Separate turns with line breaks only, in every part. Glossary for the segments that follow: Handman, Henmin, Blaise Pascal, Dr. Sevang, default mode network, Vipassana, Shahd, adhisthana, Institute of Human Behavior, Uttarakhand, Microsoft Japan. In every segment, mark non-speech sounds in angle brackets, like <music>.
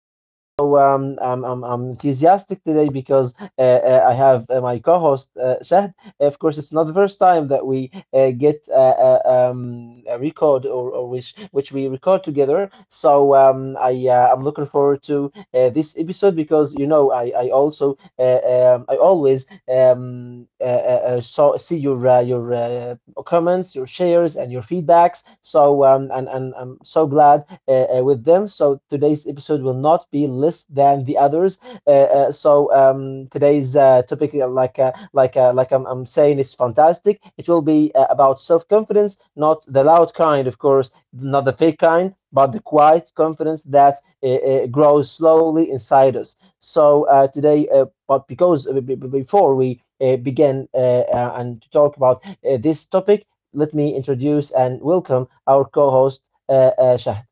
I'm enthusiastic today because I have my co-host, Shahd. Of course, it's not the first time that we get a record, or which we record together. So I'm looking forward to this episode because you know I also I always see your comments, your shares, and your feedbacks. So and I'm so glad with them. So today's episode will not be less than the others. Today's topic, like I'm saying, is fantastic. It will be about self confidence, not the loud kind, of course, not the fake kind, but the quiet confidence that grows slowly inside us. So today, but because before we begin and to talk about this topic, let me introduce and welcome our co-host, Shahd.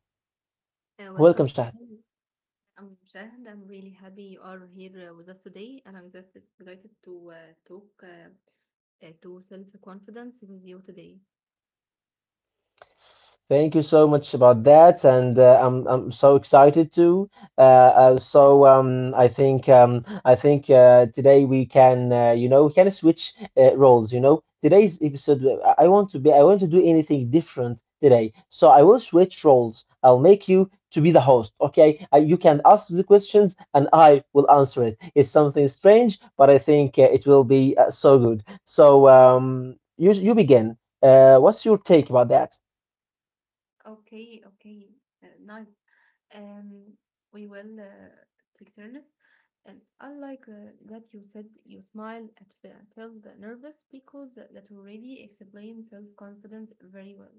Welcome.
Welcome, Shahd.
I'm Shahd. I'm really happy you are here with us today, and I'm excited to talk to self-confidence with you today.
Thank you so much about that, and I'm so excited too. I think today we can, you know, we can switch roles. You know, today's episode, I want to be, I want to do anything different today. So I will switch roles. I'll make you to be the host. Okay, you can ask the questions and I will answer it. It's something strange, but I think it will be so good. So you begin. What's your take about that?
Okay, okay, nice. Um, we will take turns. And I like that you said you smile at felt nervous because that already explains self-confidence very well.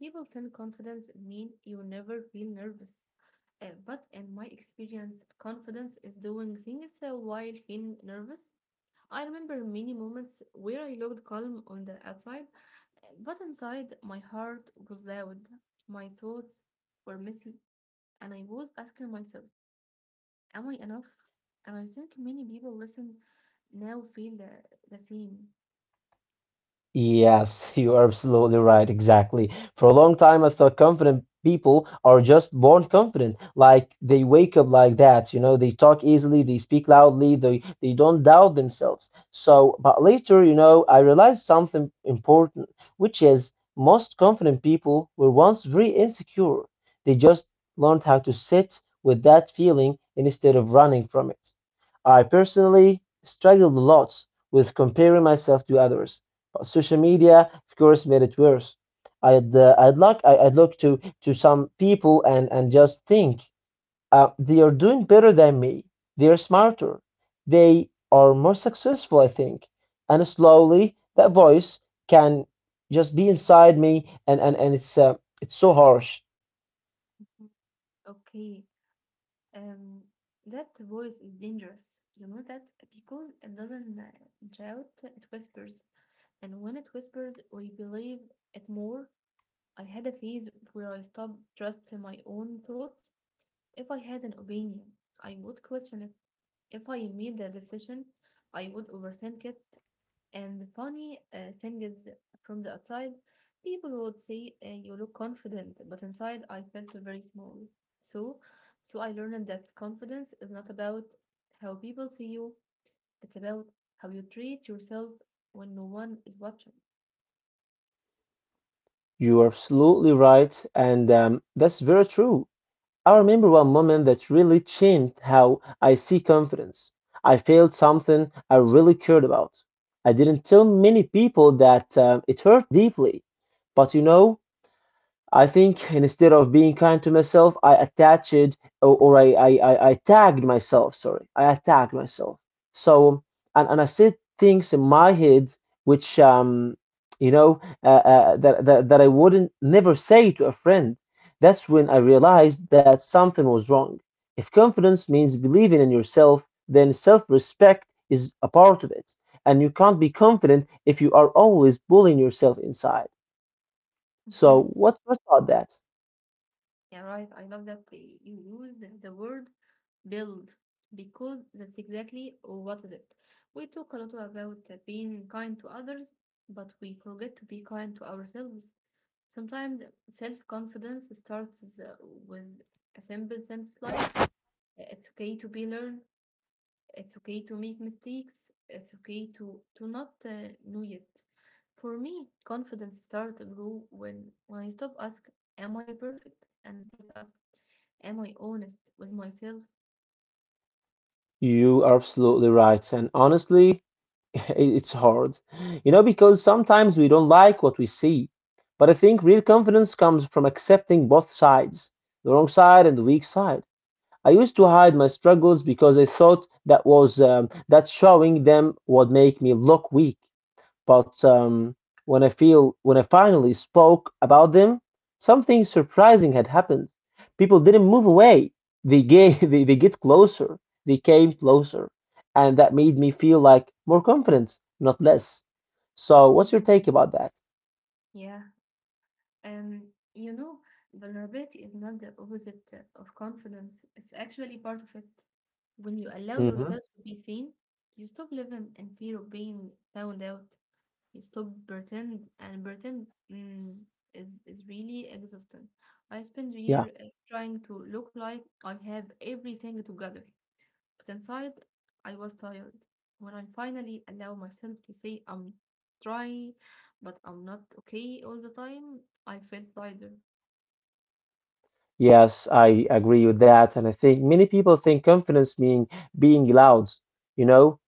People think confidence mean you never feel nervous. But in my experience, confidence is doing things while feeling nervous. I remember many moments where I looked calm on the outside, but inside my heart was loud. My thoughts were messy, and I was asking myself, am I enough? And I think many people listen now feel the same.
Yes, <laughs> you are absolutely right. Exactly. For a long time, I thought confident people are just born confident. Like they wake up like that, you know, they talk easily, they speak loudly, they don't doubt themselves. So, but later, you know, I realized something important, which is most confident people were once very insecure. They just learned how to sit with that feeling instead of running from it. I personally struggled a lot with comparing myself to others social media, of course, made it worse. I'd look to some people and just think they are doing better than me. They are smarter. They are more successful, I think. And slowly that voice can just be inside me, and and it's so harsh.
Mhm. Okay, um, that voice is dangerous. You know that because it doesn't shout, it whispers. And when it whispers, we believe it more. I had a phase where I stopped trusting my own thoughts. If I had an opinion, I would question it. If I made a decision, I would overthink it. And the funny thing is, from the outside, people would say you look confident, but inside I felt very small. So, so I learned that confidence is not about how people see you; it's about how you treat yourself when no one is watching.
You are absolutely right, and that's very true. I remember one moment that really changed how I see confidence. I felt something I really cared about. I didn't tell many people that it hurt deeply, but you know, I think instead of being kind to myself, I attached, or I tagged myself. Sorry, I attacked myself. So and I said things in my head which that I wouldn't never say to a friend. That's when I realized that something was wrong. If confidence means believing in yourself, then self-respect is a part of it, and you can't be confident if you are always bullying yourself inside.
Mhm.
So what about that?
Yeah, right. I love that you use the word build because that's exactly what is it. We talk a lot about being kind to others, but we forget to be kind to ourselves. Sometimes self-confidence starts with a simple sentence like, "It's okay to be learned." It's okay to make mistakes. It's okay to not know yet. For me, confidence starts to grow when I stop asking, "Am I perfect?" and start asking, "Am I honest with myself?"
You are absolutely right. And honestly, <laughs> it's hard. You know, because sometimes we don't like what we see. But I think real confidence comes from accepting both sides, the wrong side and the weak side. I used to hide my struggles because I thought that was, that showing them would make me look weak, but when I finally spoke about them, something surprising had happened. People didn't move away. They gave, <laughs> they get closer. They came closer, and that made me feel like more confidence, not less. So, what's your
Mhm.
take about that?
Yeah, and you know, vulnerability is not the opposite of confidence. It's actually part of it. When you allow
Hmm.
yourself to be seen, you stop living in fear of being found out. You stop pretend and pretend, is really exhausting. I spend the
Yeah.
year trying to look like I have everything together, but inside I was tired. When I finally allow myself to say I'm trying, but I'm not okay all the time, I felt tired.
Yes, I agree with that, and I think many people think confidence mean being loud, you know,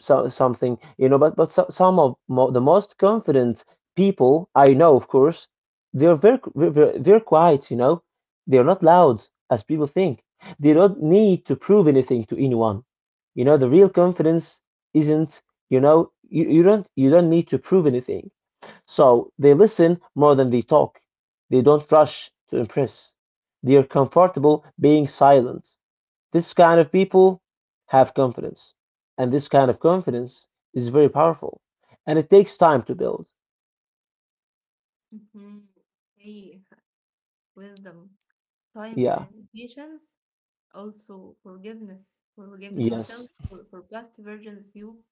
so, something, you know, but so, some of mo the most confident people I know, of course, they're very quiet, you know. They're not loud as people think. They don't need to prove anything to anyone. You know, the real confidence isn't, you know, you don't need to prove anything. So they listen more than they talk. They don't rush to impress. They are comfortable being silent. This kind of people have confidence, and this kind of confidence is very powerful, and it takes time to build.
Mhm. Okay, <laughs> wisdom, time,
Yeah,
and patience. Also, forgiveness, forgiving yourself
yes.
for past versions of you.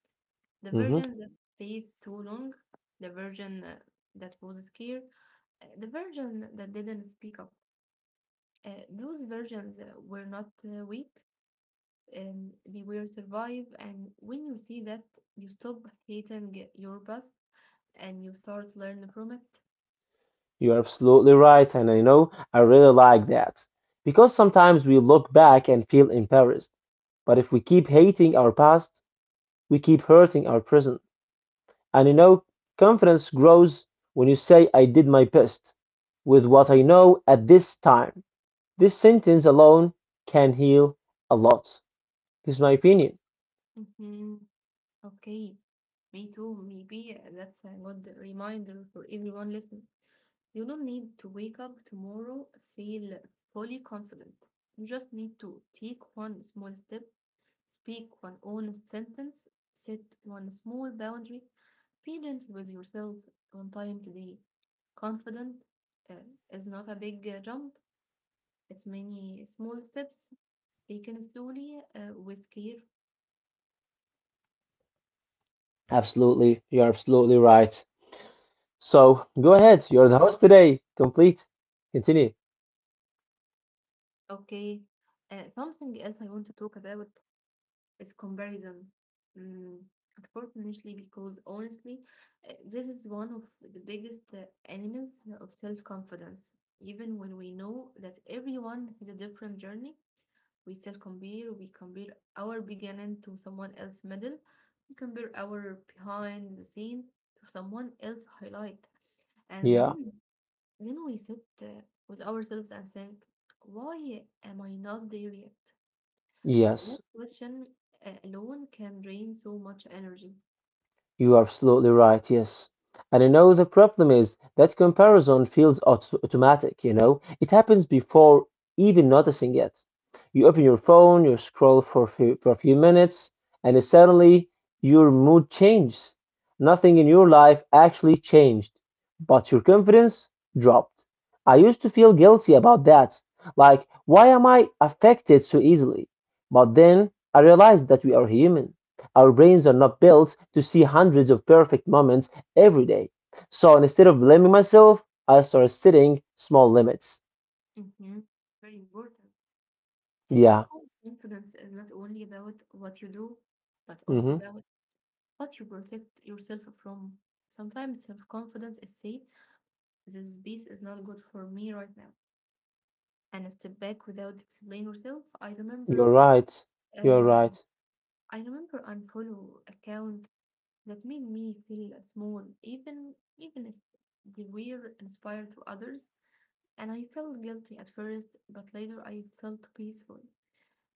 The
Hmm.
virgin that stayed too long, the virgin that was scared, the virgin that didn't speak up. Those virgins were not weak, they will survive. And when you see that, you stop hating your past and you start learning from it.
You're absolutely right, and I know I really like that because sometimes we look back and feel embarrassed, but if we keep hating our past, we keep hurting our present. And you know, confidence grows when you say, I did my best with what I know at this time. This sentence alone can heal a lot. This is my opinion.
Hmm. Okay, me too. Maybe that's a good reminder for everyone listening. You don't need to wake up tomorrow feel fully confident. You just need to take one small step, speak one honest sentence, set one small boundary, be gentle with yourself on time today. Confident uh, is not a big jump, it's many small steps taken slowly with care.
Absolutely. You're absolutely right. So go
Okay,
ahead. You're the host today. Complete. Continue.
okay. Something else I want to talk about is comparison. Mm, unfortunately, because honestly, this is one of the biggest enemies of self confidence. Even when we know that everyone has a different journey, we still compare. We compare our beginning to someone else's middle. We compare our behind the scene to someone else highlight, and
Yeah.
then we sit with ourselves and think, why am I not there yet? That
Yes.
question alone can drain so much energy.
You are absolutely right, yes. And you know, the problem is that comparison feels auto automatic, you know? It happens before even noticing it. You open your phone, you scroll for a few minutes, and suddenly your mood changes. Nothing in your life actually changed, but your confidence dropped. I used to feel guilty about that. Like, why am I affected so easily? But then I realized that we are human, our brains are not built to see hundreds of perfect moments every day. So instead of blaming myself, I started setting small limits.
Hmm. Very important.
Yeah.
Because confidence is not only about what you do, but
Hmm.
also about what you protect yourself from. Sometimes self confidence is say, this piece is not good for me right now. And a step back without explaining yourself.
You're right. You're right.
Um, I remember unfollow account that made me feel small, even if they were inspired to others. And I felt guilty at first, but later I felt peaceful.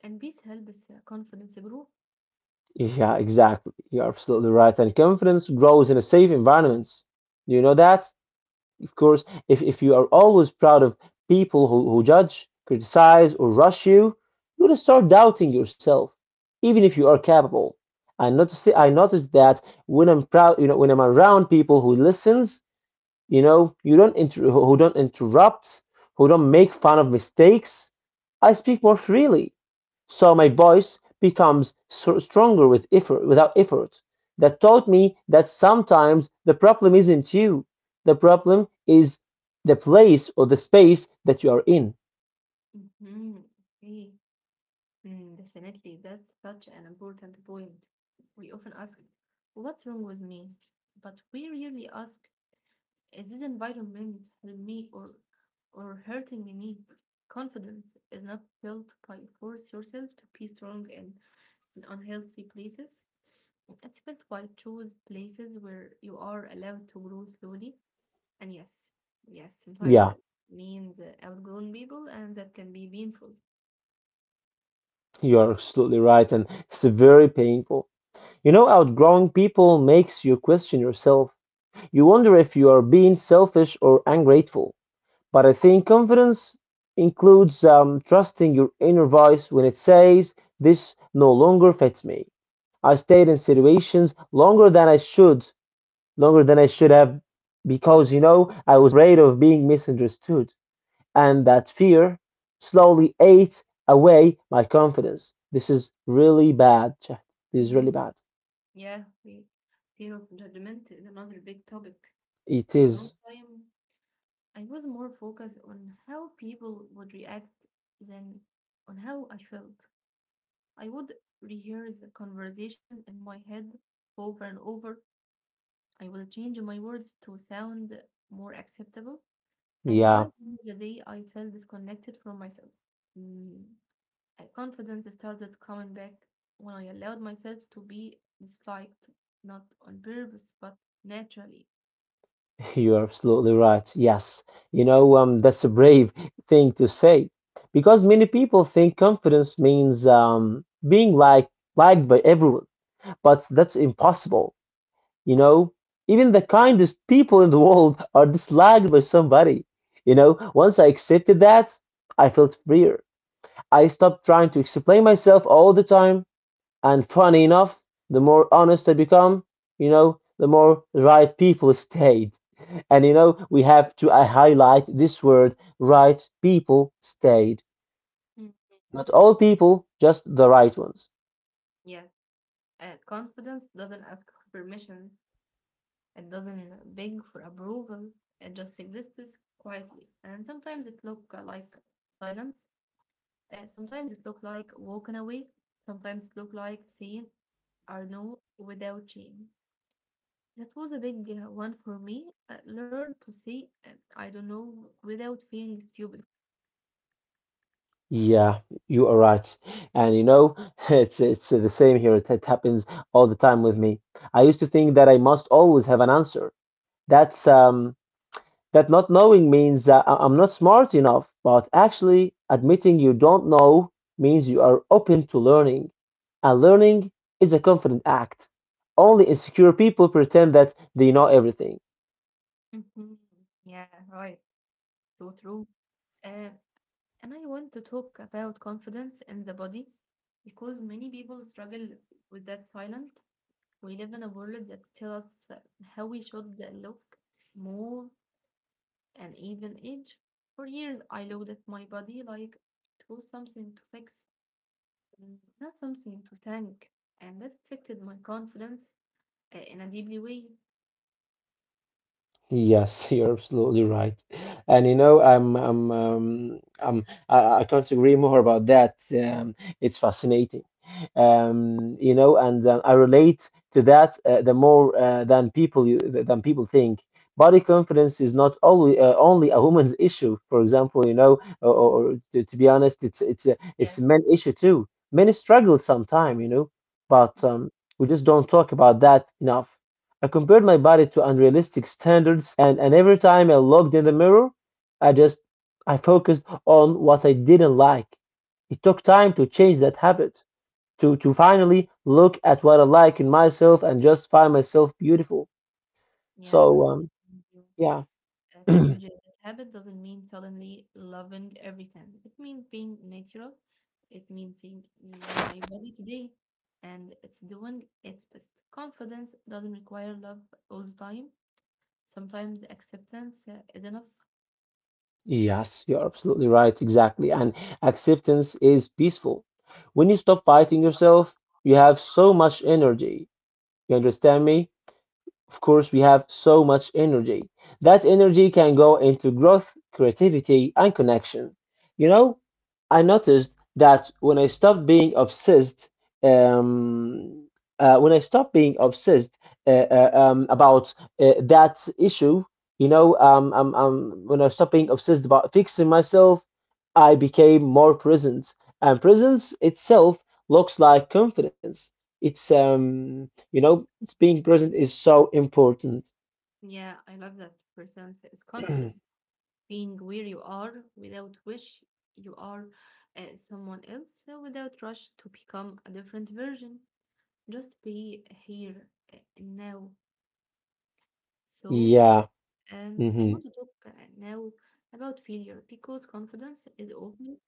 And peace helps confidence grow.
Yeah, exactly. You're absolutely right. And confidence grows in a safe environment. Do you know that? Of course, if you are always proud of people who judge, criticize, or rush you, you're gonna start doubting yourself, even if you are capable. I notice that when I'm proud, you know, when I'm around people who listens, you know, you don't inter- who don't interrupt, who don't make fun of mistakes, I speak more freely. So my voice becomes stronger with effort, without effort. That taught me that sometimes the problem isn't you. The problem is the place or the space that you are in.
Hmm. Okay, mm, definitely. That's such an important point. We often ask, what's wrong with me? But we rarely ask, is this environment helping me or hurting me? Confidence is not built by force yourself to be strong in unhealthy places. It's built by choose places where you are allowed to grow slowly. And yes, yes, sometimes
Yeah,
that means outgrown people, and that can be painful.
you are absolutely right, and it's very painful. You know, outgrowing people makes you question yourself. You wonder if you are being selfish or ungrateful. But I think confidence includes, trusting your inner voice when it says, this no longer fits me. I stayed in situations longer than I should, longer than I should have, because you know, I was afraid of being misunderstood. And that fear slowly ate away my confidence. This is really bad, chat. This is really
Mm,
bad.
yeah, we fear of judgment is another big topic.
It
For a long
is,
time, I was more focused on how people would react than on how I felt. I would rehearse the conversation in my head over and over. I would change my words to sound more acceptable. And by
yeah,
the end of the day, I felt disconnected from myself. Mm, confidence started coming back when I allowed myself to be disliked, not on purpose, but naturally.
<laughs> you're absolutely right. Yes, you know, that's a brave thing to say because many people think confidence means, being like liked by everyone, but that's impossible. You know, even the kindest people in the <laughs> world are disliked by somebody. You know, once I accepted that, I felt freer. I stopped trying to explain myself all the time. And funny enough, the more honest I become, you know, the more right people <laughs> stayed. And you know, we have to, I highlight this word, right people stayed.
Mm.
Not all people, just the right ones.
Yes, confidence doesn't ask for permissions, it doesn't beg for approval, it just exists quietly. And sometimes it look like silence, sometimes it look like walking away, sometimes it look like saying, I know, without shame. That was a big one for me. Learn to say, I don't know, without feeling stupid.
Yeah, you are right. And you know, <laughs> it's the same here. It happens all the time with me. I used to think that I must always have an answer. That's, that not knowing means I'm not smart enough, but actually admitting you don't know means you are open to learning. And learning is a confident act. Only insecure people pretend that they know everything.
Hmm. Yeah, right. So true. Uh, and I want to talk about confidence in the body because many people struggle with that silent. We live in a world that tells us how we should look, move, and even age. For years, I looked at my body like it was something to fix, mm, not something to thank. And that affected my confidence in a deeply way.
Yes, <laughs> you're absolutely right, and you know I can't agree more about that. It's fascinating, you know, and I relate to that the more, than people think. Body confidence is not only, only a woman's issue. For example, you know, or to be honest, it's a
Yeah.
men issue too. Men struggle sometimes, you know, but
Mm,
we just don't talk about that enough. I compared my body to unrealistic standards, and every time I looked in the mirror, I just I focused on what I didn't like. It took time to change that habit, to finally look at what I like in myself and just find myself beautiful.
yeah,
So
totally. Agree with you.
yeah. <clears throat>
Change that habit doesn't mean suddenly loving everything. It means being natural. It means saying, this is my body today and it's doing its best. Confidence doesn't require love all the time. Sometimes acceptance is enough.
Yes, you're absolutely right, exactly. And acceptance is peaceful. When you stop fighting yourself, you have so much energy. You understand me? Of course, we have so much energy. That energy can go into growth, creativity, and connection. You know, I noticed that when I stopped being obsessed, um, when I stopped being obsessed uh, about that issue, you know, um, um, um, when I stopped being obsessed about fixing myself, I became more present. And presence itself looks like confidence. It's you know, it's Being present is so important.
Yeah, I love that. Presence is confident.
<clears throat>
Being where you are without wish you are someone else without rush to become a different version. Just be here now. So,
Yeah.
I want
Hmm.
to talk now about failure because confidence is often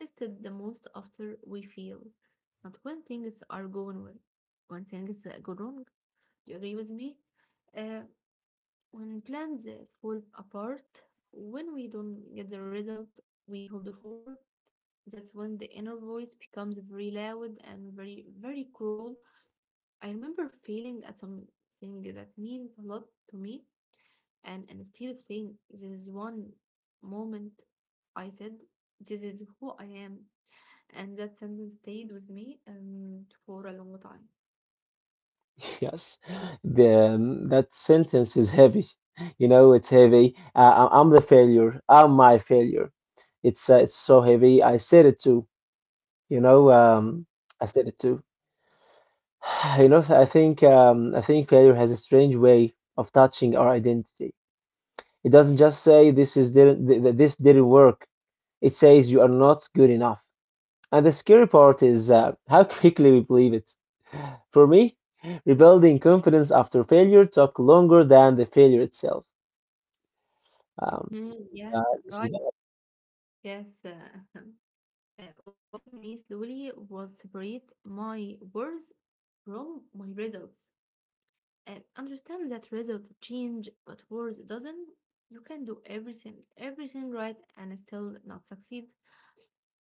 tested the most after we fail, not when things are going well, when things go wrong. Do you agree with me? Uh, when plans fall apart, when we don't get the result we hoped for, that's when the inner voice becomes very loud and very, very cruel. I remember feeling at something that meant a lot to me, and instead of saying, this is one moment, I said, this is who I am. And that sentence stayed with me for a long time.
<laughs> Yes. That sentence is heavy. You know, it's heavy. I'm the failure. I'm my failure. It's so heavy. I said it too. You know, um, I said it too. <sighs> You know, I think failure has a strange way of touching our identity. It doesn't just say this is didn't this didn't work. It says you are not good enough. And the scary part is how <laughs> quickly we believe it. For me, rebuilding confidence after failure took longer than the failure itself. Um,
Mhm. Yeah,
this is
right. Yes. <laughs> What helped me slowly was separate my words from my results, and understand that result change but words doesn't. You can do everything right and still not succeed,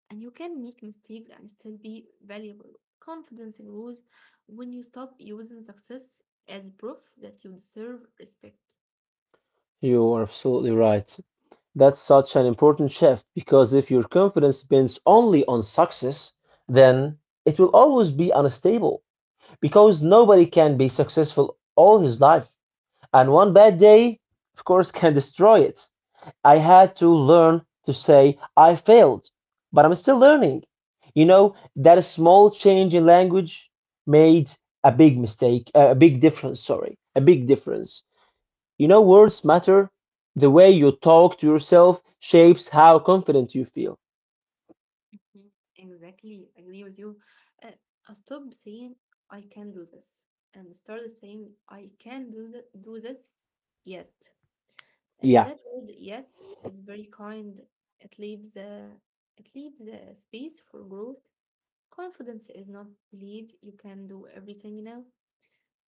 and you can make mistakes and still be valuable. Confidence grows when you stop using success as proof that you deserve respect.
You are absolutely right. That's such an important shift because if your confidence depends only on success, then it will always be unstable because nobody can be successful all his life. And one bad day, of course, can destroy it. I had to learn to say, I failed, but I'm still learning. You know, that small change in language made a big mistake, a big difference, sorry, a big difference. You know, words matter. The way you talk to yourself shapes how confident you feel.
Mhm. Exactly, I agree with you. Uh, I stop saying I can do this and started saying I can do, do this yet.
Yeah,
That word yet is very kind. It leaves it leaves a space for growth. Confidence is not believe you can do everything now.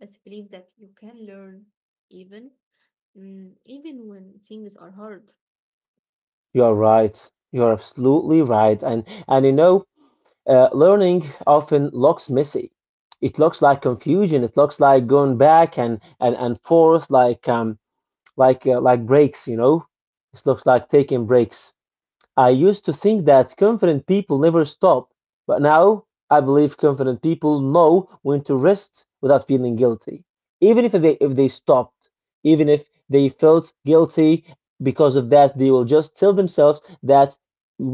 It's believe that you can learn even, mm, even when things are hard.
you're right. You're absolutely right. And you know, learning often looks messy. It looks like confusion. It looks like going back and forth, like like breaks. You know, it looks like taking breaks. I used to think that confident people never stop, but now I believe confident people know when to rest without feeling guilty. Even if they stopped, even if they felt guilty because of that, they will just tell themselves that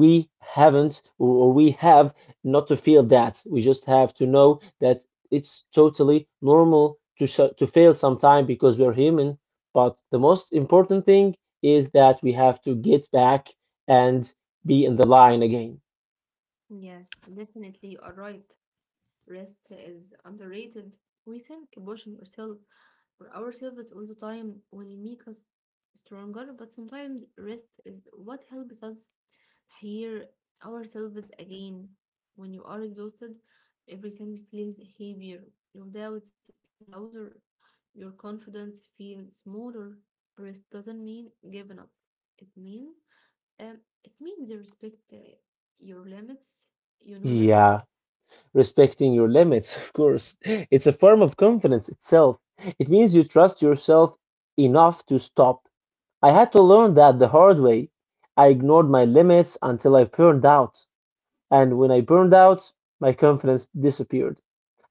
we haven't or we have not to feel that. We just have to know that it's totally normal to to fail sometime because we're human. But the most important thing is that we have to get back and be in the line again.
Yes, definitely you are right. Rest is underrated. We think pushing yourself or ourselves all the time will make us stronger, but sometimes rest is what helps us hear ourselves again. When you are exhausted, everything feels heavier. Your doubts feel louder. Your confidence feels smaller. Rest doesn't mean giving up. It means it means you respect your limits. You know that.
Yeah, respecting your limits, <laughs> of course. It's a form of confidence itself. It means you trust yourself enough to stop. I had to learn that the hard way. I ignored my limits until I burned out. And when I burned out, my confidence disappeared.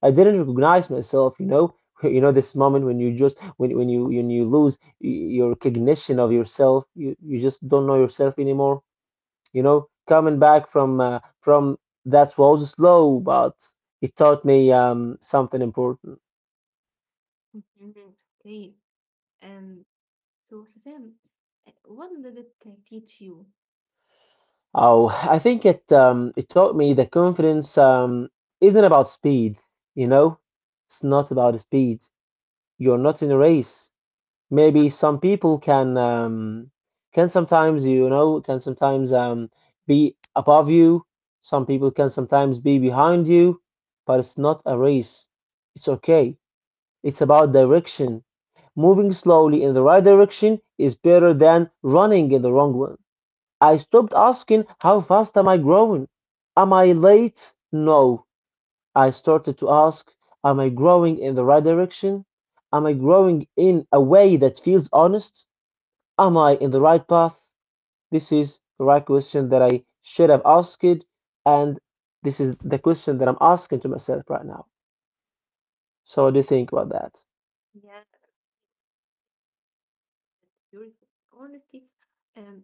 I didn't recognize myself, you know. <laughs> You know this moment when you just when you lose your recognition of yourself, you just don't know yourself anymore. You know, coming back from that was slow, but it taught me something important.
Mhm. Okay. Um. So Hussein, what did it teach you?
Oh, I think it it taught me that confidence um, isn't about speed. You know, it's not about speed. You're not in a race. Maybe some people can sometimes you know can sometimes be above you, some people can sometimes be behind you, but it's not a race. It's okay. It's about direction. Moving slowly in the right direction is better than running in the wrong one. I stopped asking how fast am I growing, am I late? No. I started to ask, am I growing in the right direction? Am I growing in a way that feels honest? Am I in the right path? This is the right question that I should have asked, and this is the question that I'm asking to myself right now. So, what do you think about that?
Yeah, that's beautiful. Honesty. Um,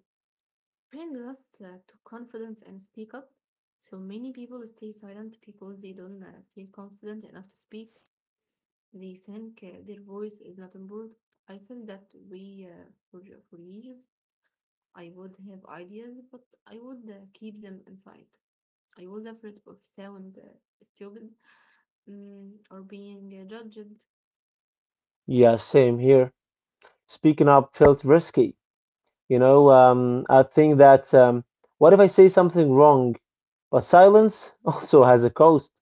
Bring us to confidence and speak up. So many people stay silent because they don't feel confident enough to speak. They think their voice is not important. I feel that for years, I would have ideas, but I would keep them inside. I was afraid of sound stupid, mm, or being judged.
Yeah, same here. Speaking up felt risky. I think that what if I say something wrong? But silence <laughs> also has a cost.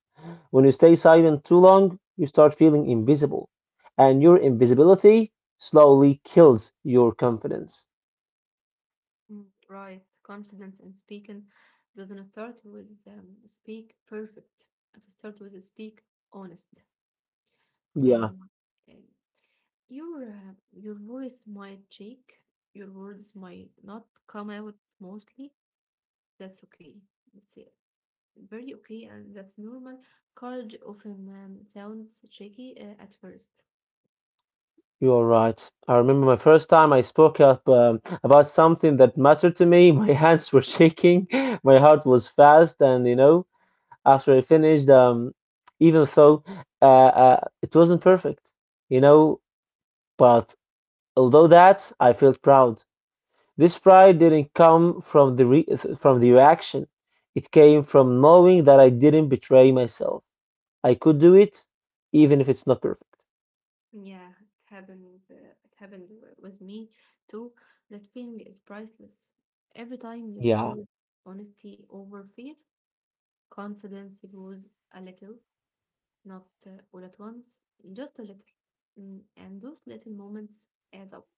When you stay silent too long, you start feeling invisible, and your invisibility slowly kills your confidence.
Mm, right, confidence and speaking doesn't start with speak perfect. It starts with speak honest.
Yeah.
And, and your voice might shake, your words might not come out smoothly. That's okay. It's very okay, and that's normal. Courage often sounds shaky at first.
You're right. I remember my first time I spoke up about something that mattered to me. <laughs> My hands were shaking, <laughs> my heart was fast, and you know, after I finished, even though it wasn't perfect, you know, but although that, I felt proud. This pride didn't come from the re from the reaction. It came from knowing that I didn't betray myself. I could do it, even if it's not perfect.
Yeah, it happens. It happened with me too. That feeling is priceless. Every time you
Yeah.
choose honesty over fear, confidence grows a little. Not all at once, just a little. Mm, and those little moments add up.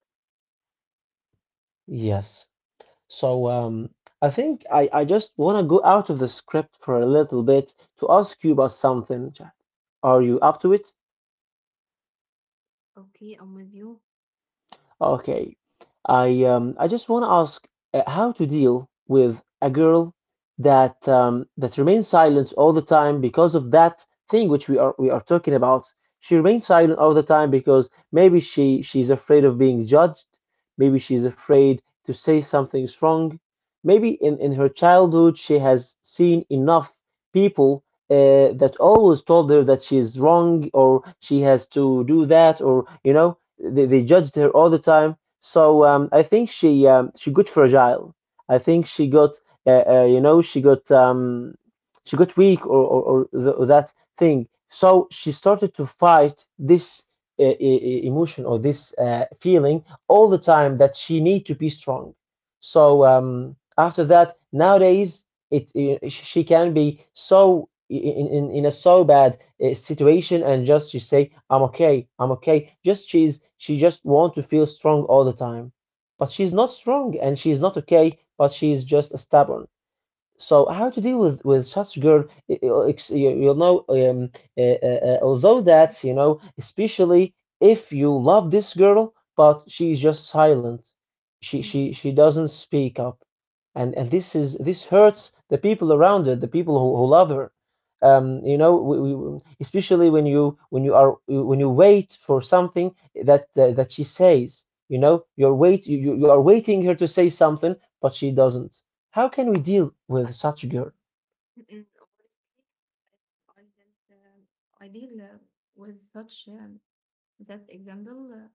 Yes. So um, I think I just want to go out of the script for a little bit to ask you about something, Chad. Are you up to it?
Okay, I'm with you.
Okay. I just want to ask how to deal with a girl that remains silent all the time because of that thing which we are talking about. She remains silent all the time because maybe she's afraid of being judged, maybe she's afraid to say something's wrong. Maybe in her childhood she has seen enough people that always told her that she's wrong or she has to do that, or you know, they judged her all the time. So I think she got fragile. I think she got you know she got weak or that thing. So she started to fight this emotion or this feeling all the time that she need to be strong. So after that, nowadays it she can be so in a so bad situation and just she say I'm okay, I'm okay, just she just want to feel strong all the time, but she's not strong and she's not okay, but she's just stubborn. So how to deal with such girl? You'll know. Although
Mm,
that, you know, especially if you love this girl, but she's just silent. She doesn't speak up, and this is this hurts the people around her, the people who love her. You know, we- especially when you are when you wait for something that she says. You know, you are waiting her to say something, but she doesn't. How can we deal with such a girl?
mm, Honestly, I didn't, um, I deal with such that example.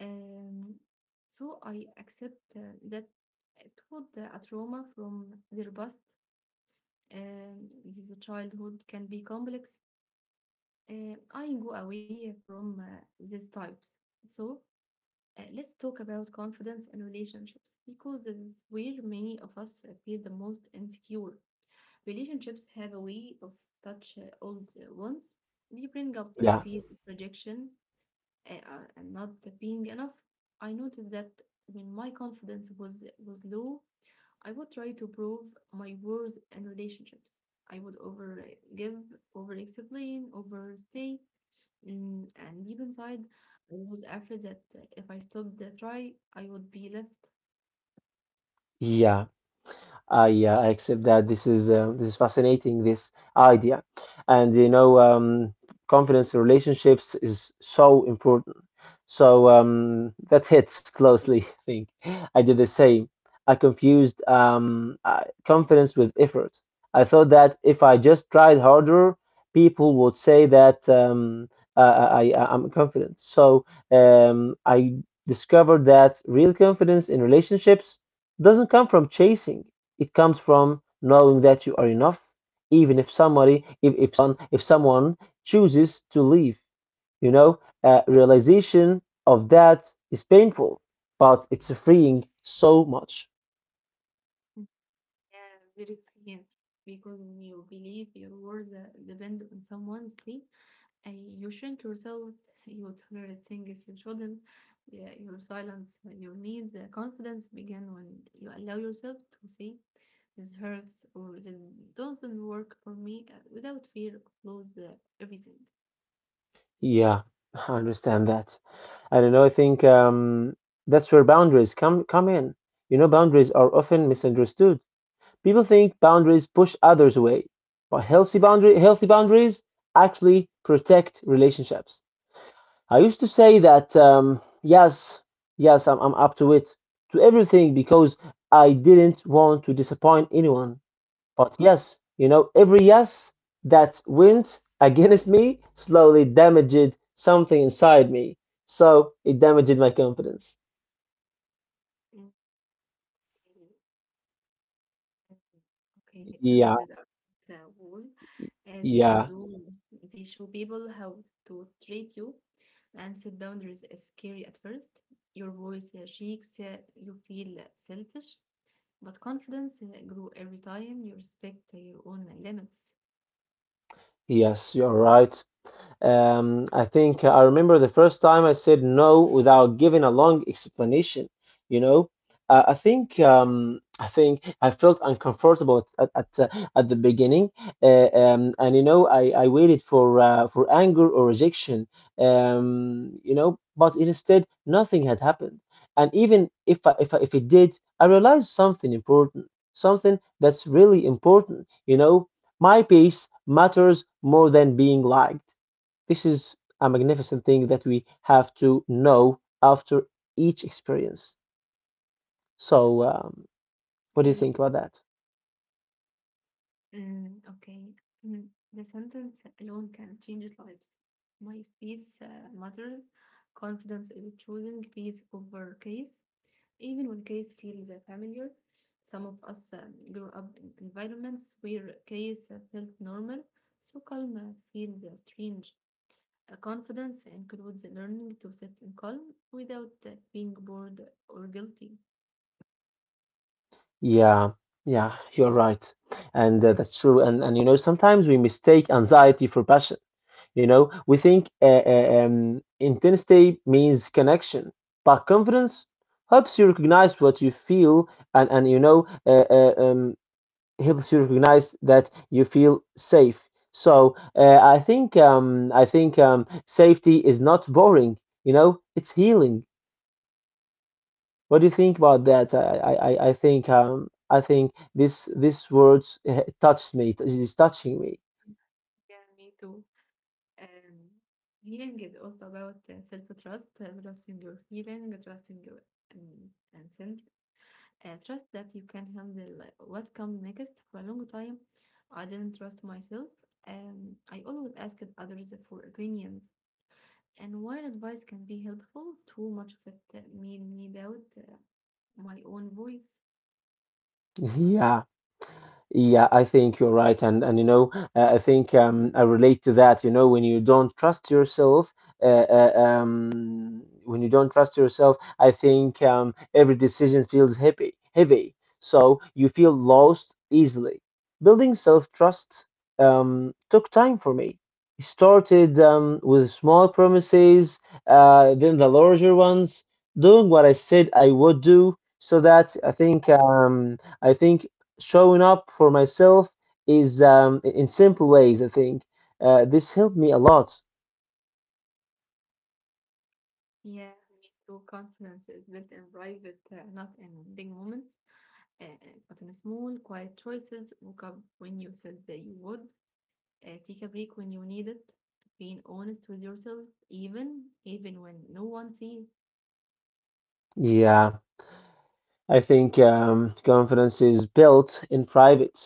Um, so I accept that it would a trauma from their past, and this childhood can be complex. I go away from these types. So let's talk about confidence and relationships, because this is where many of us feel the most insecure. Relationships have a way of touch old wounds. They bring up a
Yeah,
fear of rejection, and not being enough. I noticed that when my confidence was low, I would try to prove my worth in relationships. I would over give, over explain, overstay, and deep inside, I was afraid that if I stopped the try, I would be left
yeah. I accept that this is fascinating this idea, and you know confidence in relationships is so important. So that hits closely. <laughs> I think I did the same. I confused confidence with effort. I thought that if I just tried harder, people would say that I I'm confident. So I discovered that real confidence in relationships doesn't come from chasing. It comes from knowing that you are enough, even if somebody, if someone chooses to leave. You know, realization of that is painful, but it's freeing so much.
uh, very thin, because when you believe your words depend on someone's sleep. You shrink yourself, you tolerate things you shouldn't, yeah, your silence, your need, the confidence begin when you allow yourself to see this hurts or this doesn't work for me without fear of lose everything.
Yeah, I understand that. I don't know. I think that's where boundaries come in. You know, boundaries are often misunderstood. People think boundaries push others away, but healthy boundaries actually protect relationships. I used to say that yes, I'm up to it, to everything, because I didn't want to disappoint anyone. But yes, you know, every yes that went against me slowly damaged something inside me. So it damaged my confidence.
Okay. Um, Okay,
Yeah,
boundaries are not a wall. They are
yeah,
door. They show people how to treat you. And set boundaries is scary at first. Your voice shakes. You feel selfish. But confidence grow every time you respect your own limits.
yes, you're right. I think I remember the first time I said no without giving a long explanation. You know, I think I think I felt uncomfortable at the beginning, and you know, I waited for anger or rejection. You know, but instead nothing had happened. And even if I, if it did, I realized something important, something that's really important. You know, my pace matters more than being liked. This is a magnificent thing that we have to know after each experience. So, what do you
Okay,
think about that?
mm, okay. Mm. The sentence alone can change lives. My peace matters. Confidence is choosing peace over case, even when case feels familiar. Some of us grew up in environments where case felt normal, so calm feels strange. Confidence includes learning to sit in calm without being bored or guilty.
Yeah, yeah, you're right. And that's true. And, you know, sometimes we mistake anxiety for passion. You know, we think intensity means connection, but confidence helps you recognize what you feel and you know, helps you recognize that you feel safe. So I think safety is not boring. You know, it's healing. What do you think about that? I think this words touched me. It is touching me.
Yeah, me too. Um, Healing is also about self-trust, trusting your feeling, trusting your instinct, trust that you can handle what comes next. For a long time, I didn't trust myself. I always asked others for opinions, and while advice can be helpful, too much of it made me doubt my own voice.
<laughs> Yeah. Yeah, I think you're right, and you know, I relate to that. You know, when you don't trust yourself, when you don't trust yourself, I think every decision feels heavy, heavy. So you feel lost easily. Building self-trust took time for me. It started with small promises, then the larger ones, doing what I said I would do. So that I think showing up for myself is in simple ways. I think this helped me a lot.
Yeah, me too. Confidence is built in private, not in big moments. Uh, but in small, quiet choices, woke up when you said that you would, take a break when you need it, being honest with yourself, even when no one sees.
Yeah, I think confidence is built in private.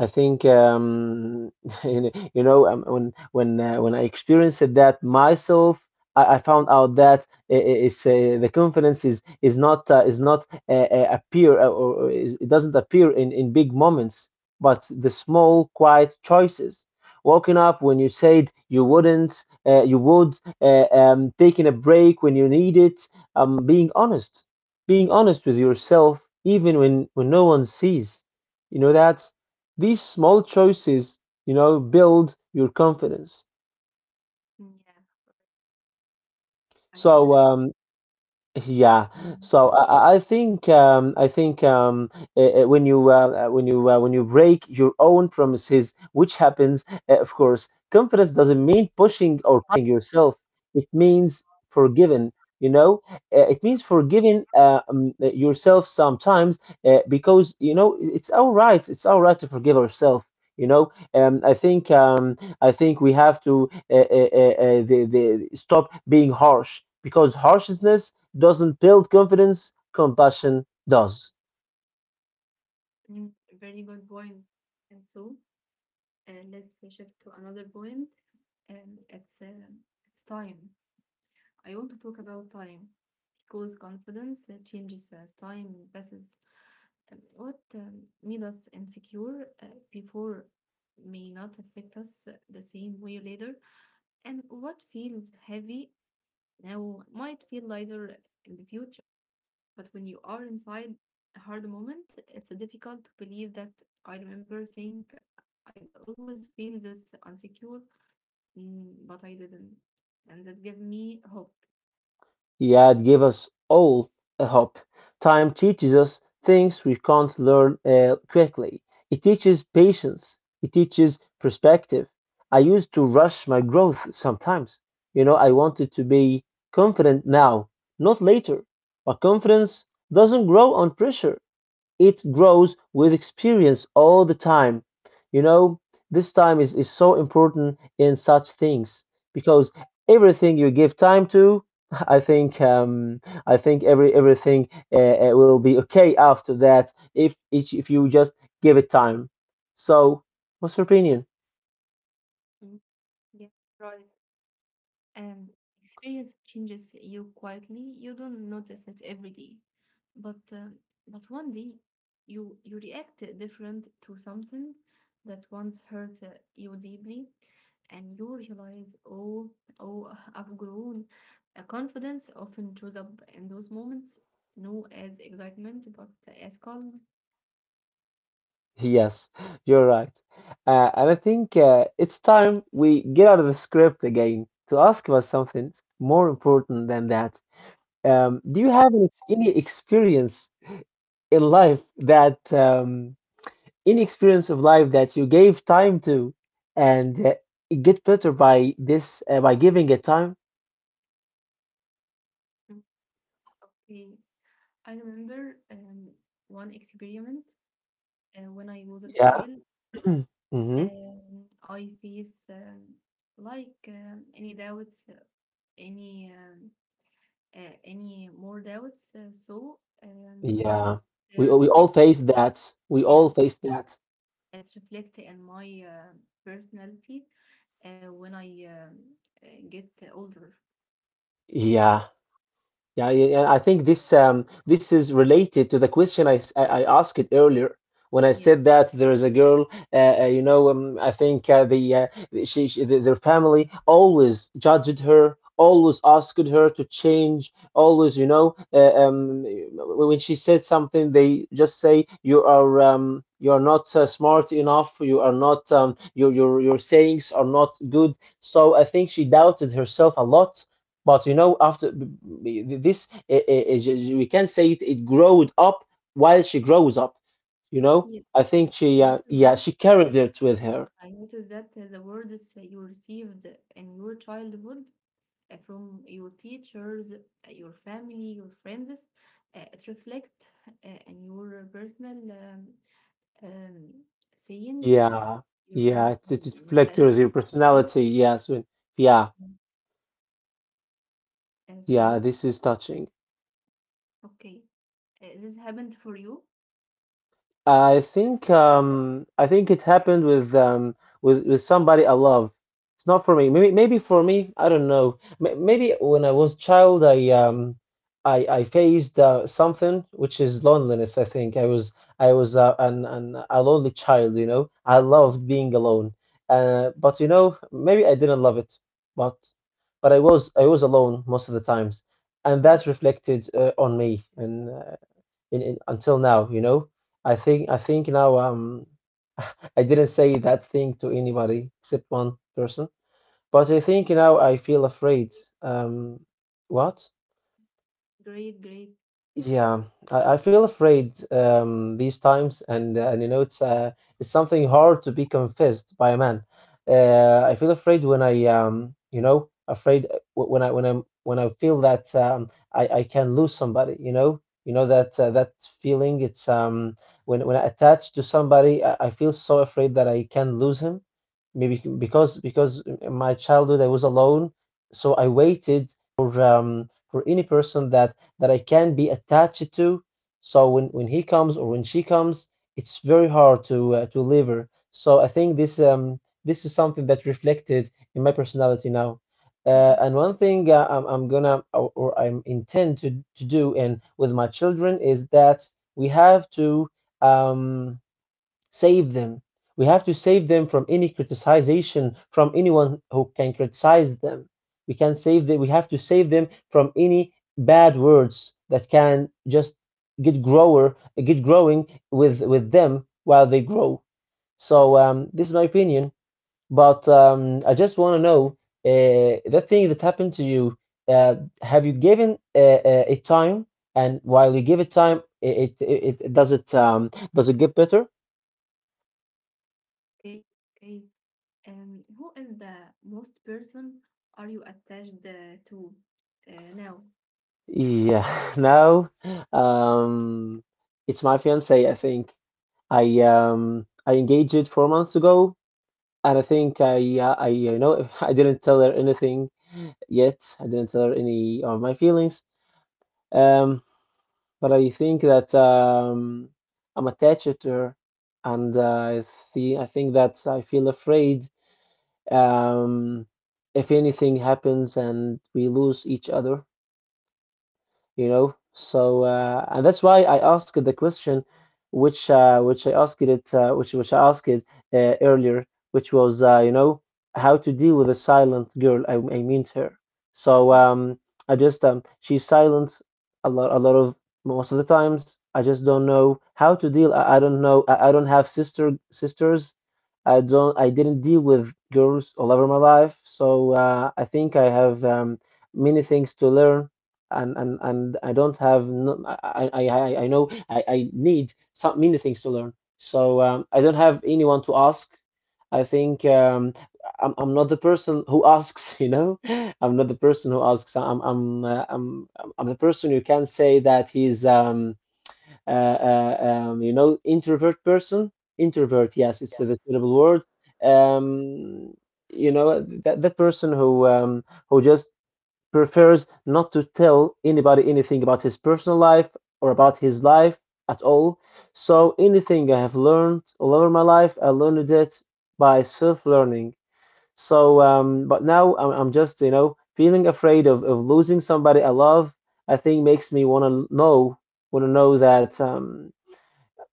I think <laughs> when I experienced that myself, I found out that it's the confidence is not appear or is, it doesn't appear in big moments, but the small quiet choices. Waking up when you said you wouldn't, taking a break when you need it, um, being honest, being honest with yourself even when no one sees. You know that these small choices, you know, build your confidence.
Mm, yeah, I
So
couldn't.
um, Yeah,
Um,
so I think when you when you when you break your own promises, which happens, of course, confidence doesn't mean pushing or punishing yourself. It means forgiving. You know, it means forgiving yourself sometimes because it's all right. It's all right to forgive ourselves. You know, um, I think um, I think we have to stop being harsh because harshness doesn't build confidence, compassion does.
mm, very good point. And so, let's shift to another point. And it's time. I want to talk about time, because confidence changes as time passes. What made us insecure before may not affect us the same way later, and what feels heavy now might feel lighter in the future. But when you are inside a hard moment, it's difficult to believe that. I remember think I'll always feel this insecure, mm, but I didn't, and that gave me hope.
Yet give us all a hope. Time teaches us things we can't learn quickly. It teaches patience. It teaches perspective. I used to rush my growth sometimes. You know, I wanted to be confident now, not later. But confidence doesn't grow on pressure. It grows with experience all the time. You know, this time is so important in such things because everything you give time to, <laughs> I think um, I think everything will be okay after that if each if you just give it time. So, what's your opinion? <laughs>
Mm, yeah, right. Um, Experience changes you quietly. You don't notice it every day, but uh, but one day you react different to something that once hurt you deeply, and you realize, oh, oh, I've grown. Confidence often shows up in those moments, no as excitement, but as calm.
Yes, you're right. And I think it's time we get out of the script again to ask about something more important than that. Do you have any experience in life that any experience of life that you gave time to and it get better by this by giving it time?
Mm, okay, I remember one experiment when I was a
Yeah.
child.
<clears throat> hmm
I face like any doubts, any um, any more doubts.
Yeah.
They
We all
reflect,
face that. We
yes,
all face that.
it reflect in my personality when I get older.
Yeah. Yeah, I think this is related to the question I asked it earlier when I
Yes,
said that there is a girl, you know, I think the their family always judged her, always asked her to change, always, you know, when she said something, they just say you are not smart enough, you are not your your sayings are not good. So I think she doubted herself a lot, but you know, after this, we can say it, it growed up while she grows up. You know,
yes,
I
yes.
think she,
I noticed
yeah,
that.
she carried it with her.
I noticed that the words you received in your childhood from your teachers, your family, your friends. It reflects in your personal um, saying,
Yeah,
your
yeah, it,
personal
it reflected her
mentality. So,
personality. Yes, when- yeah,
yes. And
yeah.
so,
This is touching.
okay, this happened for you.
I think it happened with somebody I love. It's not for me. Maybe maybe for me, I don't know. M maybe when I was child, I faced something which is loneliness. I think I was an a lonely child, you know. I
Mhm.
loved being alone. But you know, maybe I didn't love it, but but I was alone most of the times, and
Mhm.
that reflected on me. And in until now, you know. I think now I didn't say that thing to anybody except one person, but I think now I feel afraid.
Great,
Um, what?
great,
Yeah, I feel afraid these times, and you know it's something hard to be confessed by a man. I feel afraid when I you know afraid when I when I'm when I feel that I can lose somebody. You know that that feeling. It's when I attach to somebody, I feel so afraid that I can lose him. Maybe because in my childhood I was alone, so I waited for any person that that I can be attached to. So when he comes or when she comes, it's very hard to leave her. So I think this is something that reflected in my personality now.
mhm.
And one thing I'm gonna or I'm intend to do and with my children is that we have to um save them. We have to save them from any criticization from anyone who can criticize them. We can save them. We have to save them from any bad words that can just get grower get growing with them while they grow. So this is my opinion, but I just want to know that thing that happened to you. Have you given it time? And while you give it time, it does it does it get better?
Okay, okay. Who is the most person are you attached to now?
Yeah, <laughs> now um, it's my fiance. I think I engaged it 4 months ago, and I think I you know <laughs> I didn't tell her anything yet. I didn't tell her any of my feelings. Um, but I think that I'm attached to her, and I I think that I feel afraid um, if anything happens and we lose each other. You know. So and that's why I asked the question, which which I asked it earlier, which was you know how to deal with a silent girl. I mean to her. So
Mhm.
I just she's silent a lot of most of the times. I just don't know how to deal. I don't know. I don't have sisters. I don't. I didn't deal with girls all over my life. So I think I have many things to learn and I don't have I know I need some many things to learn. So I don't have anyone to ask. I think um, I'm not the person who asks, <laughs> you know. I'm not the person who asks. I'm the person who can say that he's uh, uh you know introvert person. Introvert, yes, it's the suitable word. Um, you know that that person who just prefers not to tell anybody anything about his personal life or about his life at all. So anything I have learned all over my life, I learned it by self-learning. So, but now I'm just, you know, feeling afraid of losing somebody I love. I think makes me want to know that um,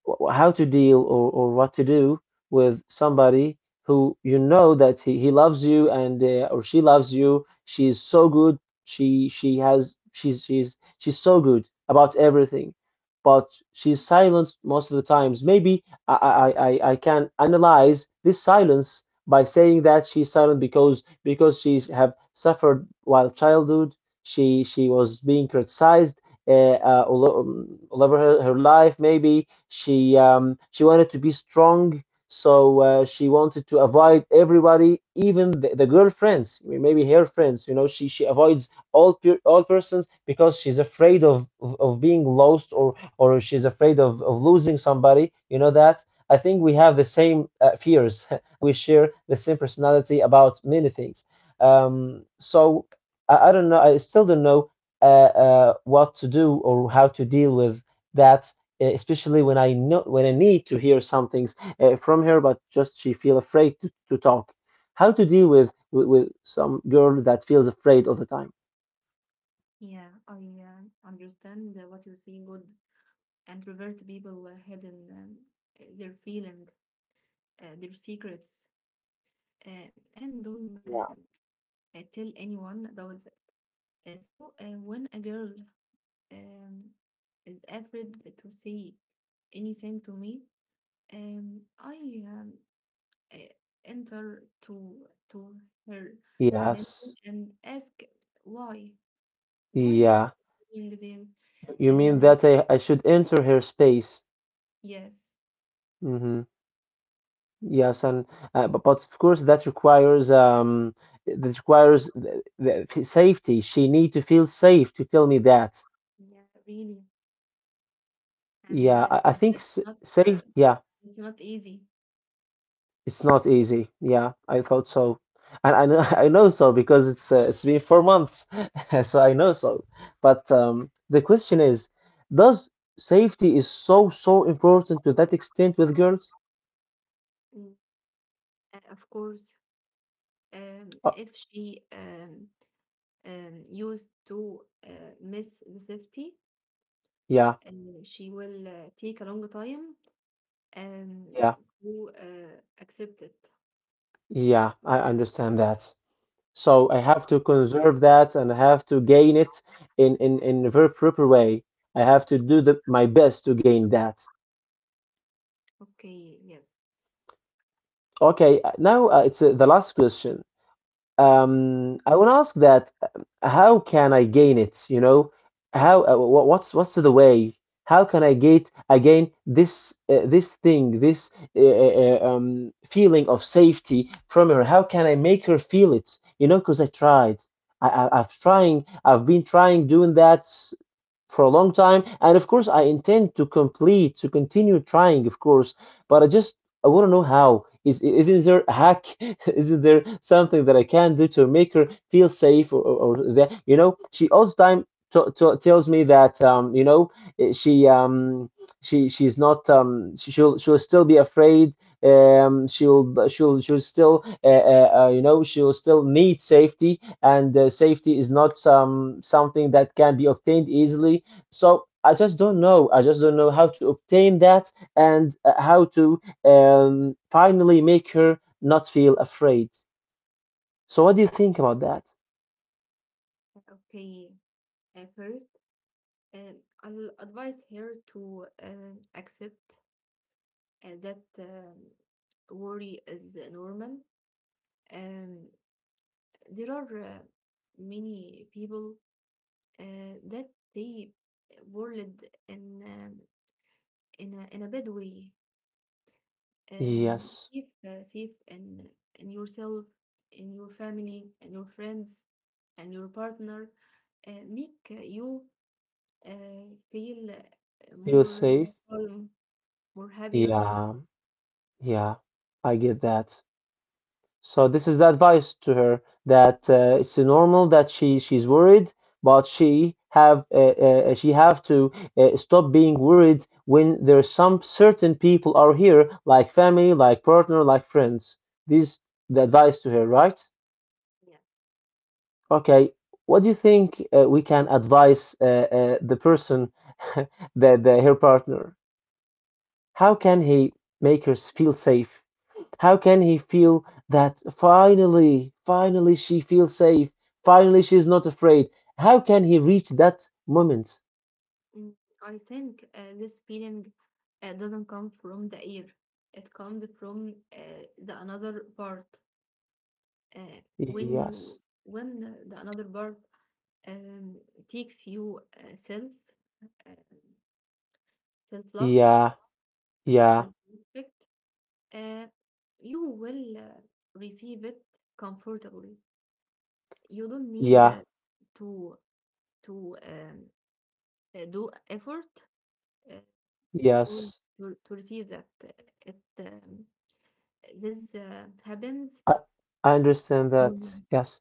wh- how to deal or what to do with somebody who you know that he loves you and or she loves you. She's so good, she's so good about everything, but she's silent most of the times. Maybe I can analyze this silence by saying that she's silent because she's have suffered while childhood. She was being criticized all, over her life. Maybe she wanted to be strong, so she wanted to avoid everybody, even the girlfriends, maybe her friends. You know, she avoids all persons because she's afraid of being lost or she's afraid of losing somebody. You know that. I think we have the same fears. <laughs> We share the same personality about many things. So I don't know. I still don't know what to do or how to deal with that especially when I know when I need to hear some things from her, but just she feel afraid to talk. How to deal with some girl that feels afraid all the time.
Yeah, I understand what you say. Good. And revert people hidden their feeling, their secrets, uh, and don't
Yeah.
uh, uh, tell anyone about that. So when a girl um, is afraid to say anything to me, I uh, enter to her mental
Yes.
and ask why why is
Yeah,
she doing this?
you mean that I should enter her space.
Yes,
Hmm. Yes, and but of course that requires the, safety. She need to feel safe to tell me that.
yeah, really. And
Yeah, I think
that's
s
not
safe. Yeah,
it's not easy.
it's not easy. Yeah, I thought so, and I know <laughs> I know so because it's been 4 months, <laughs> so I know so. But the question is, does safety is so so important to that extent with girls?
Mm. Of course,
Uh,
if she used to miss the safety,
yeah,
uh, she will take a long time um,
yeah,
to accept it.
yeah. I understand that. So I have to conserve that and I have to gain it in a very proper way. I have to do my best to gain that.
Okay, yes,
Okay, now it's the last question. I want to ask that how can I gain it? You know, how wh- what's the way? How can I get again this this thing, this feeling of safety from her? How can I make her feel it? You know, because I tried. I've trying. I've been trying doing that for a long time, and of course I intend to complete to continue trying, of course, but I just, I want to know how is there a hack? <laughs> Is there something that I can do to make her feel safe? Or that, you know, she all the time tells me that, you know, eh, she's not she'll still be afraid. She'll still you know, she'll still need safety, and safety is not something that can be obtained easily. So I just don't know. I just don't know how to obtain that, and how to finally make her not feel afraid. So what do you think about that?
okay. First, I'll advise her to accept that worry is normal. Um, There are many people that they world in a bad way.
Yes,
Safe and in yourself, in your family, and your friends, and your partner, make you feel
feel
more
safe.
calm, more happier.
Yeah, yeah, I get that. So this is the advice to her that, it's normal that she's worried, but she have to stop being worried when there's some certain people are here, like family, like partner, like friends. This the advice to her, right?
Yeah,
Okay. What do you think we can advise the person, <laughs> the her partner? How can he make her feel safe? How can he feel that, finally, finally she feels safe, finally she's not afraid? How can he reach that moment?
mm, I think this feeling doesn't come from the air. It comes from the another part. When you
Yes.
when the another part um, takes you uh, self love,
Yeah, yeah,
self respect, uh, you will receive it comfortably. You don't need
yeah,
to to do effort uh, to, re-
yes.
to receive that. It This happens
I, I understand that.
normally.
Yes.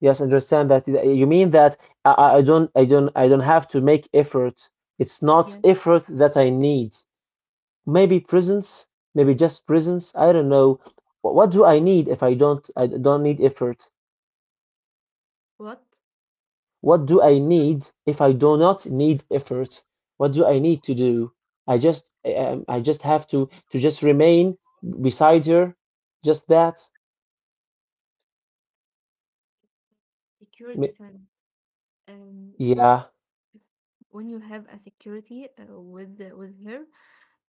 Yes, understand that. You mean that I don't have to make effort. It's not
Yes,
effort that I need. Maybe presence, maybe just presence. I don't know. What do I need if I don't need effort?
what
What do I need if I do not need effort? What do I need to do? I just have to just remain beside her, just that. M-
security sign. um
Yeah,
when you have a security with her,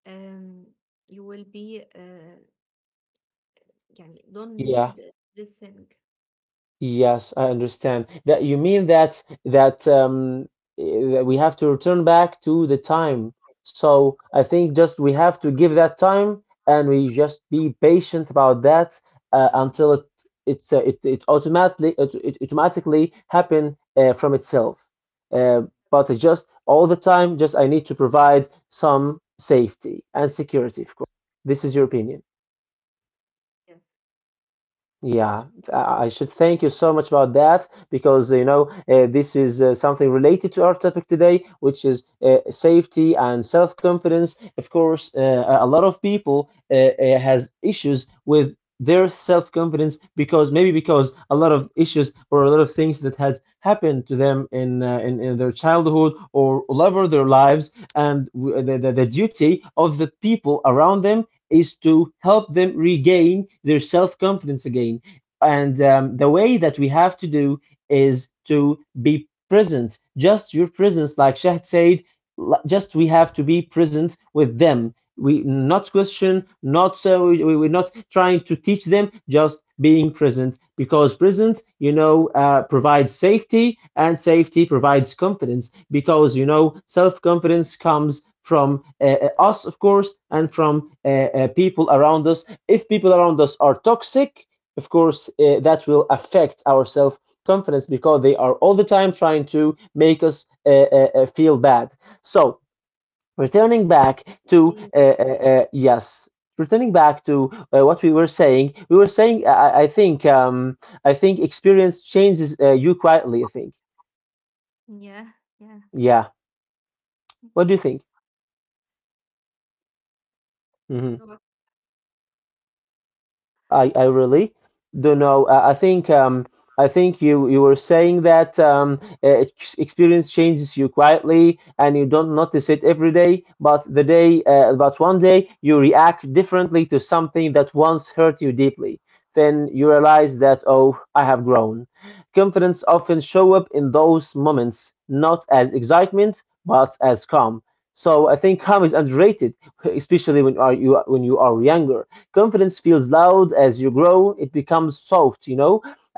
um, you will be يعني don't
yeah.
need this thing.
Yes, I understand. That you mean that that we have to return back to the time. So I think just we have to give that time, and we just be patient about that, until it automatically, it automatically happen from itself. Uh, but it just all the time, just I need to provide some safety and security, of course. This is your opinion.
Yes.
Yeah, I should thank you so much about that, because you know, this is something related to our topic today, which is safety and self-confidence. Of course, a lot of people has issues with their self-confidence, because maybe because a lot of issues or a lot of things that has happened to them in their childhood or all over their lives, and the duty of the people around them is to help them regain their self confidence again. And the way that we have to do is to be present, just your presence, like Shahd said, just we have to be present with them. We not question, not we're not trying to teach them, just being present, because present, you know, provides safety, and safety provides confidence, because you know, self-confidence comes from us, of course, and from people around us. If people around us are toxic, of course that will affect our self confidence, because they are all the time trying to make us feel bad. So returning back to
Please.
yes, returning back to what we were saying, we were saying, I think experience changes you quietly. I think,
Yeah, yeah.
yeah. What do you think?
You
Mhm.
know what?
I really don't know. I think you were saying that um, experience changes you quietly, and you don't notice it every day, but the day, but one day you react differently to something that once hurt you deeply. Then you realize that, oh, I have grown. Confidence often show up in those moments, not as excitement but as calm. So I think calm is underrated, especially when you are you when you are younger. Confidence feels loud. As you grow, it becomes soft, you know.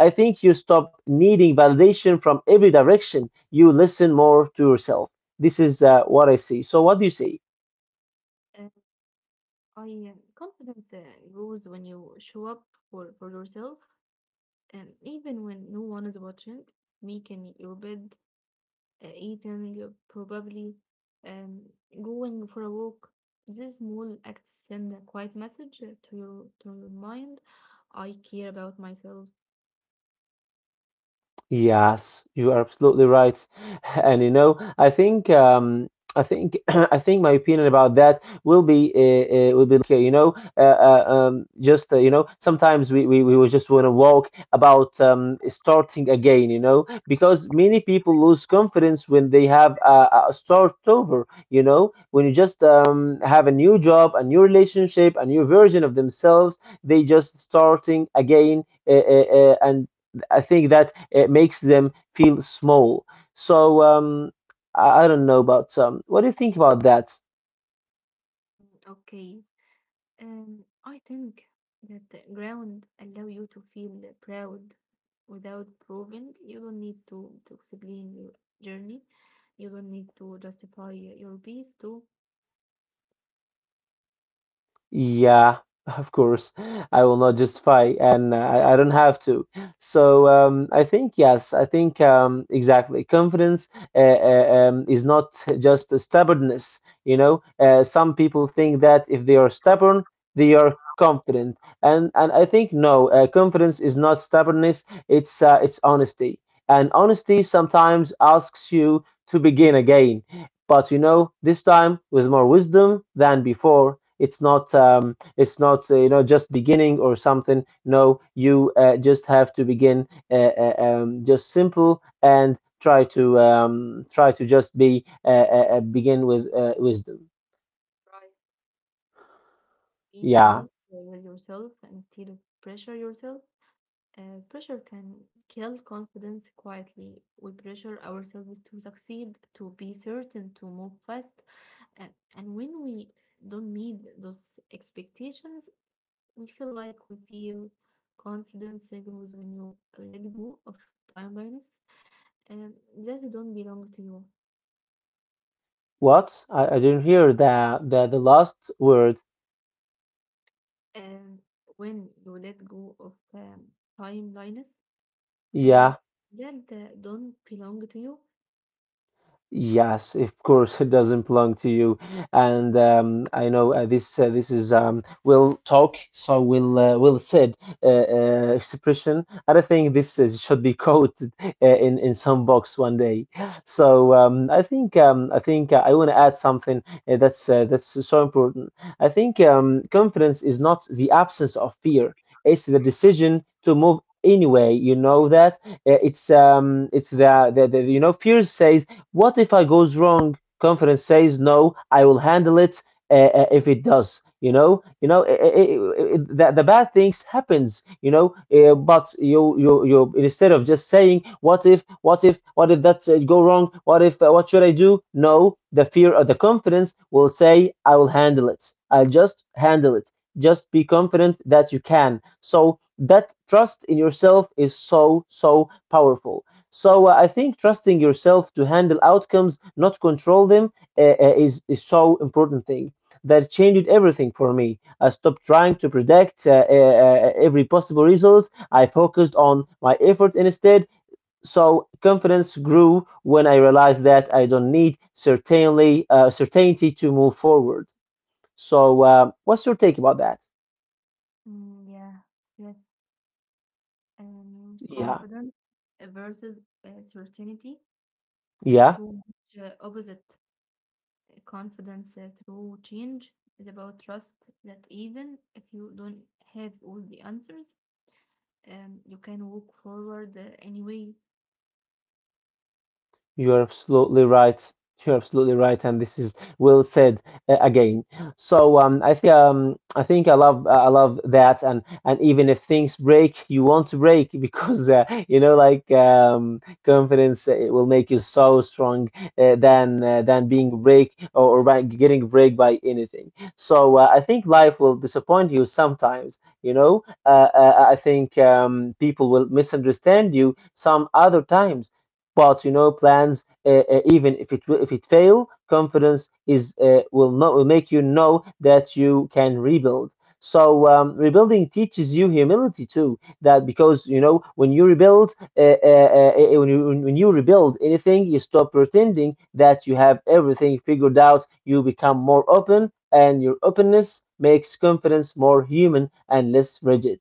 I think you stop needing validation from every direction. You listen more to yourself. This is what I see. So what do you say?
Uh, I confidence grows when you show up for yourself, and even when no one is watching, making your bed, eating probably, um, going for a walk. These small acts send a quiet message to your mind. I care about myself.
Yes, you are absolutely right. <laughs> And you know, I think <clears throat> I think my opinion about that will be like, you know, sometimes we will just want to walk about starting again, you know, because many people lose confidence when they have a start over. You know, when you just have a new job, a new relationship, a new version of themselves, they just starting again, and I think that it makes them feel small. So I don't know, but what do you think about that?
Mm, okay. I think that the ground allow you to feel proud without proving. You don't need to explain your journey. You don't need to justify your peace to
Yeah, <laughs> of course. I will not justify, and uh, I don't have to. So I think yes, I think exactly. Confidence is not just a stubbornness. You know, some people think that if they are stubborn, they are confident, and I think no, confidence is not stubbornness. It's honesty, and honesty sometimes asks you to begin again, but you know, this time with more wisdom than before. It's not it's not you know, just beginning or something, no, you just have to begin just simple, and try to try to just be begin with wisdom.
try being
Yeah.
honest with yourself and still pressure yourself. Pressure can kill confidence quietly. We pressure ourselves to succeed, to be certain, to move fast. Uh, and when we don't meet those expectations, we feel like we feel confidence grows when you let go of timelines and that don't belong to you.
What, I didn't hear the last word.
And when you let go of timelines
Yeah.
and that don't belong to you,
Yes, of course, it doesn't belong to you. And I know this is will talk, so will said expression. And I don't think this is, should be <laughs> quoted in some box one day. So I think I want to add something that's so important. I think confidence is not the absence of fear; it's the decision to move anyway. You know that. It's the, you know, fear says, what if I goes wrong? Conference says, no, I will handle it, uh, if it does. You know, the bad things happens. You know, but you, instead of just saying what if, what if, what if that go wrong? What if? What should I do? No, the fear or the confidence will say, I will handle it. I'll just handle it. Just be confident that you can. So that trust in yourself is so so powerful. So I think trusting yourself to handle outcomes, not control them, is so important thing that changed everything for me. I stopped trying to predict every possible result. I focused on my effort instead. So confidence grew when I realized that I don't need certainly certainty to move forward. So what's your take about that?
mm, yeah, yes,
Yeah,
confidence versus certainty is
yeah.
too much opposite. Confidence through change is about trust that even if you don't have all the answers, you can walk forward anyway.
You're absolutely right. You're absolutely right, and this is well said again. So I think I love that, and even if things break, you want to break, <laughs> because you know, like confidence it will make you so strong, than being break, or by getting break by anything. So I think life will disappoint you sometimes. You know, I think people will misunderstand you some other times, but you know, plans, even if if it fail, confidence is will not will make you know that you can rebuild. So rebuilding teaches you humility too. That because you know when you rebuild, when you rebuild anything, you stop pretending that you have everything figured out. You become more open, and your openness makes confidence more human and less rigid.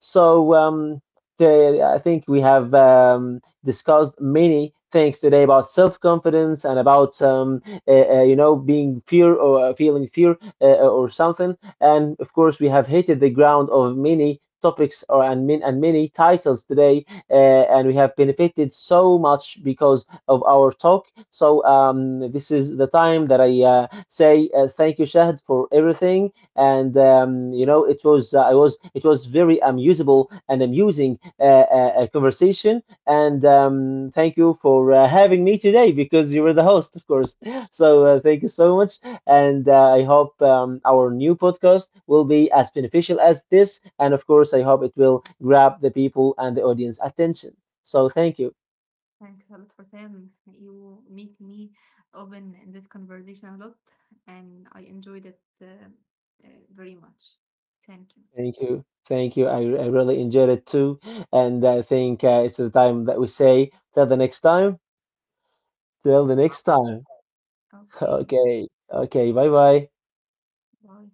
So I think we have discussed many things today about self-confidence and about you know, being fear or feeling fear or something. And of course we have hit the ground of many topics and many titles today, and we have benefited so much because of our talk. So this is the time that I say thank you, Shahd, for everything. And you know, it was I was it was very amusable and amusing conversation. And thank you for having me today, because you were the host, of course. <gasps> <laughs> So thank you so much. And I hope our new podcast will be as beneficial as this. And of course, I hope it will grab the people and the audience attention. So thank you.
Thanks a lot, Hussein. You make me open in this conversation a lot, and I enjoyed it very much. Thank you.
Thank you. Thank you. I really enjoyed it too. And I think it's the time that we say, till the next time. Till the next time. <laughs>
Okay,
Okay. Okay. Bye bye.
bye.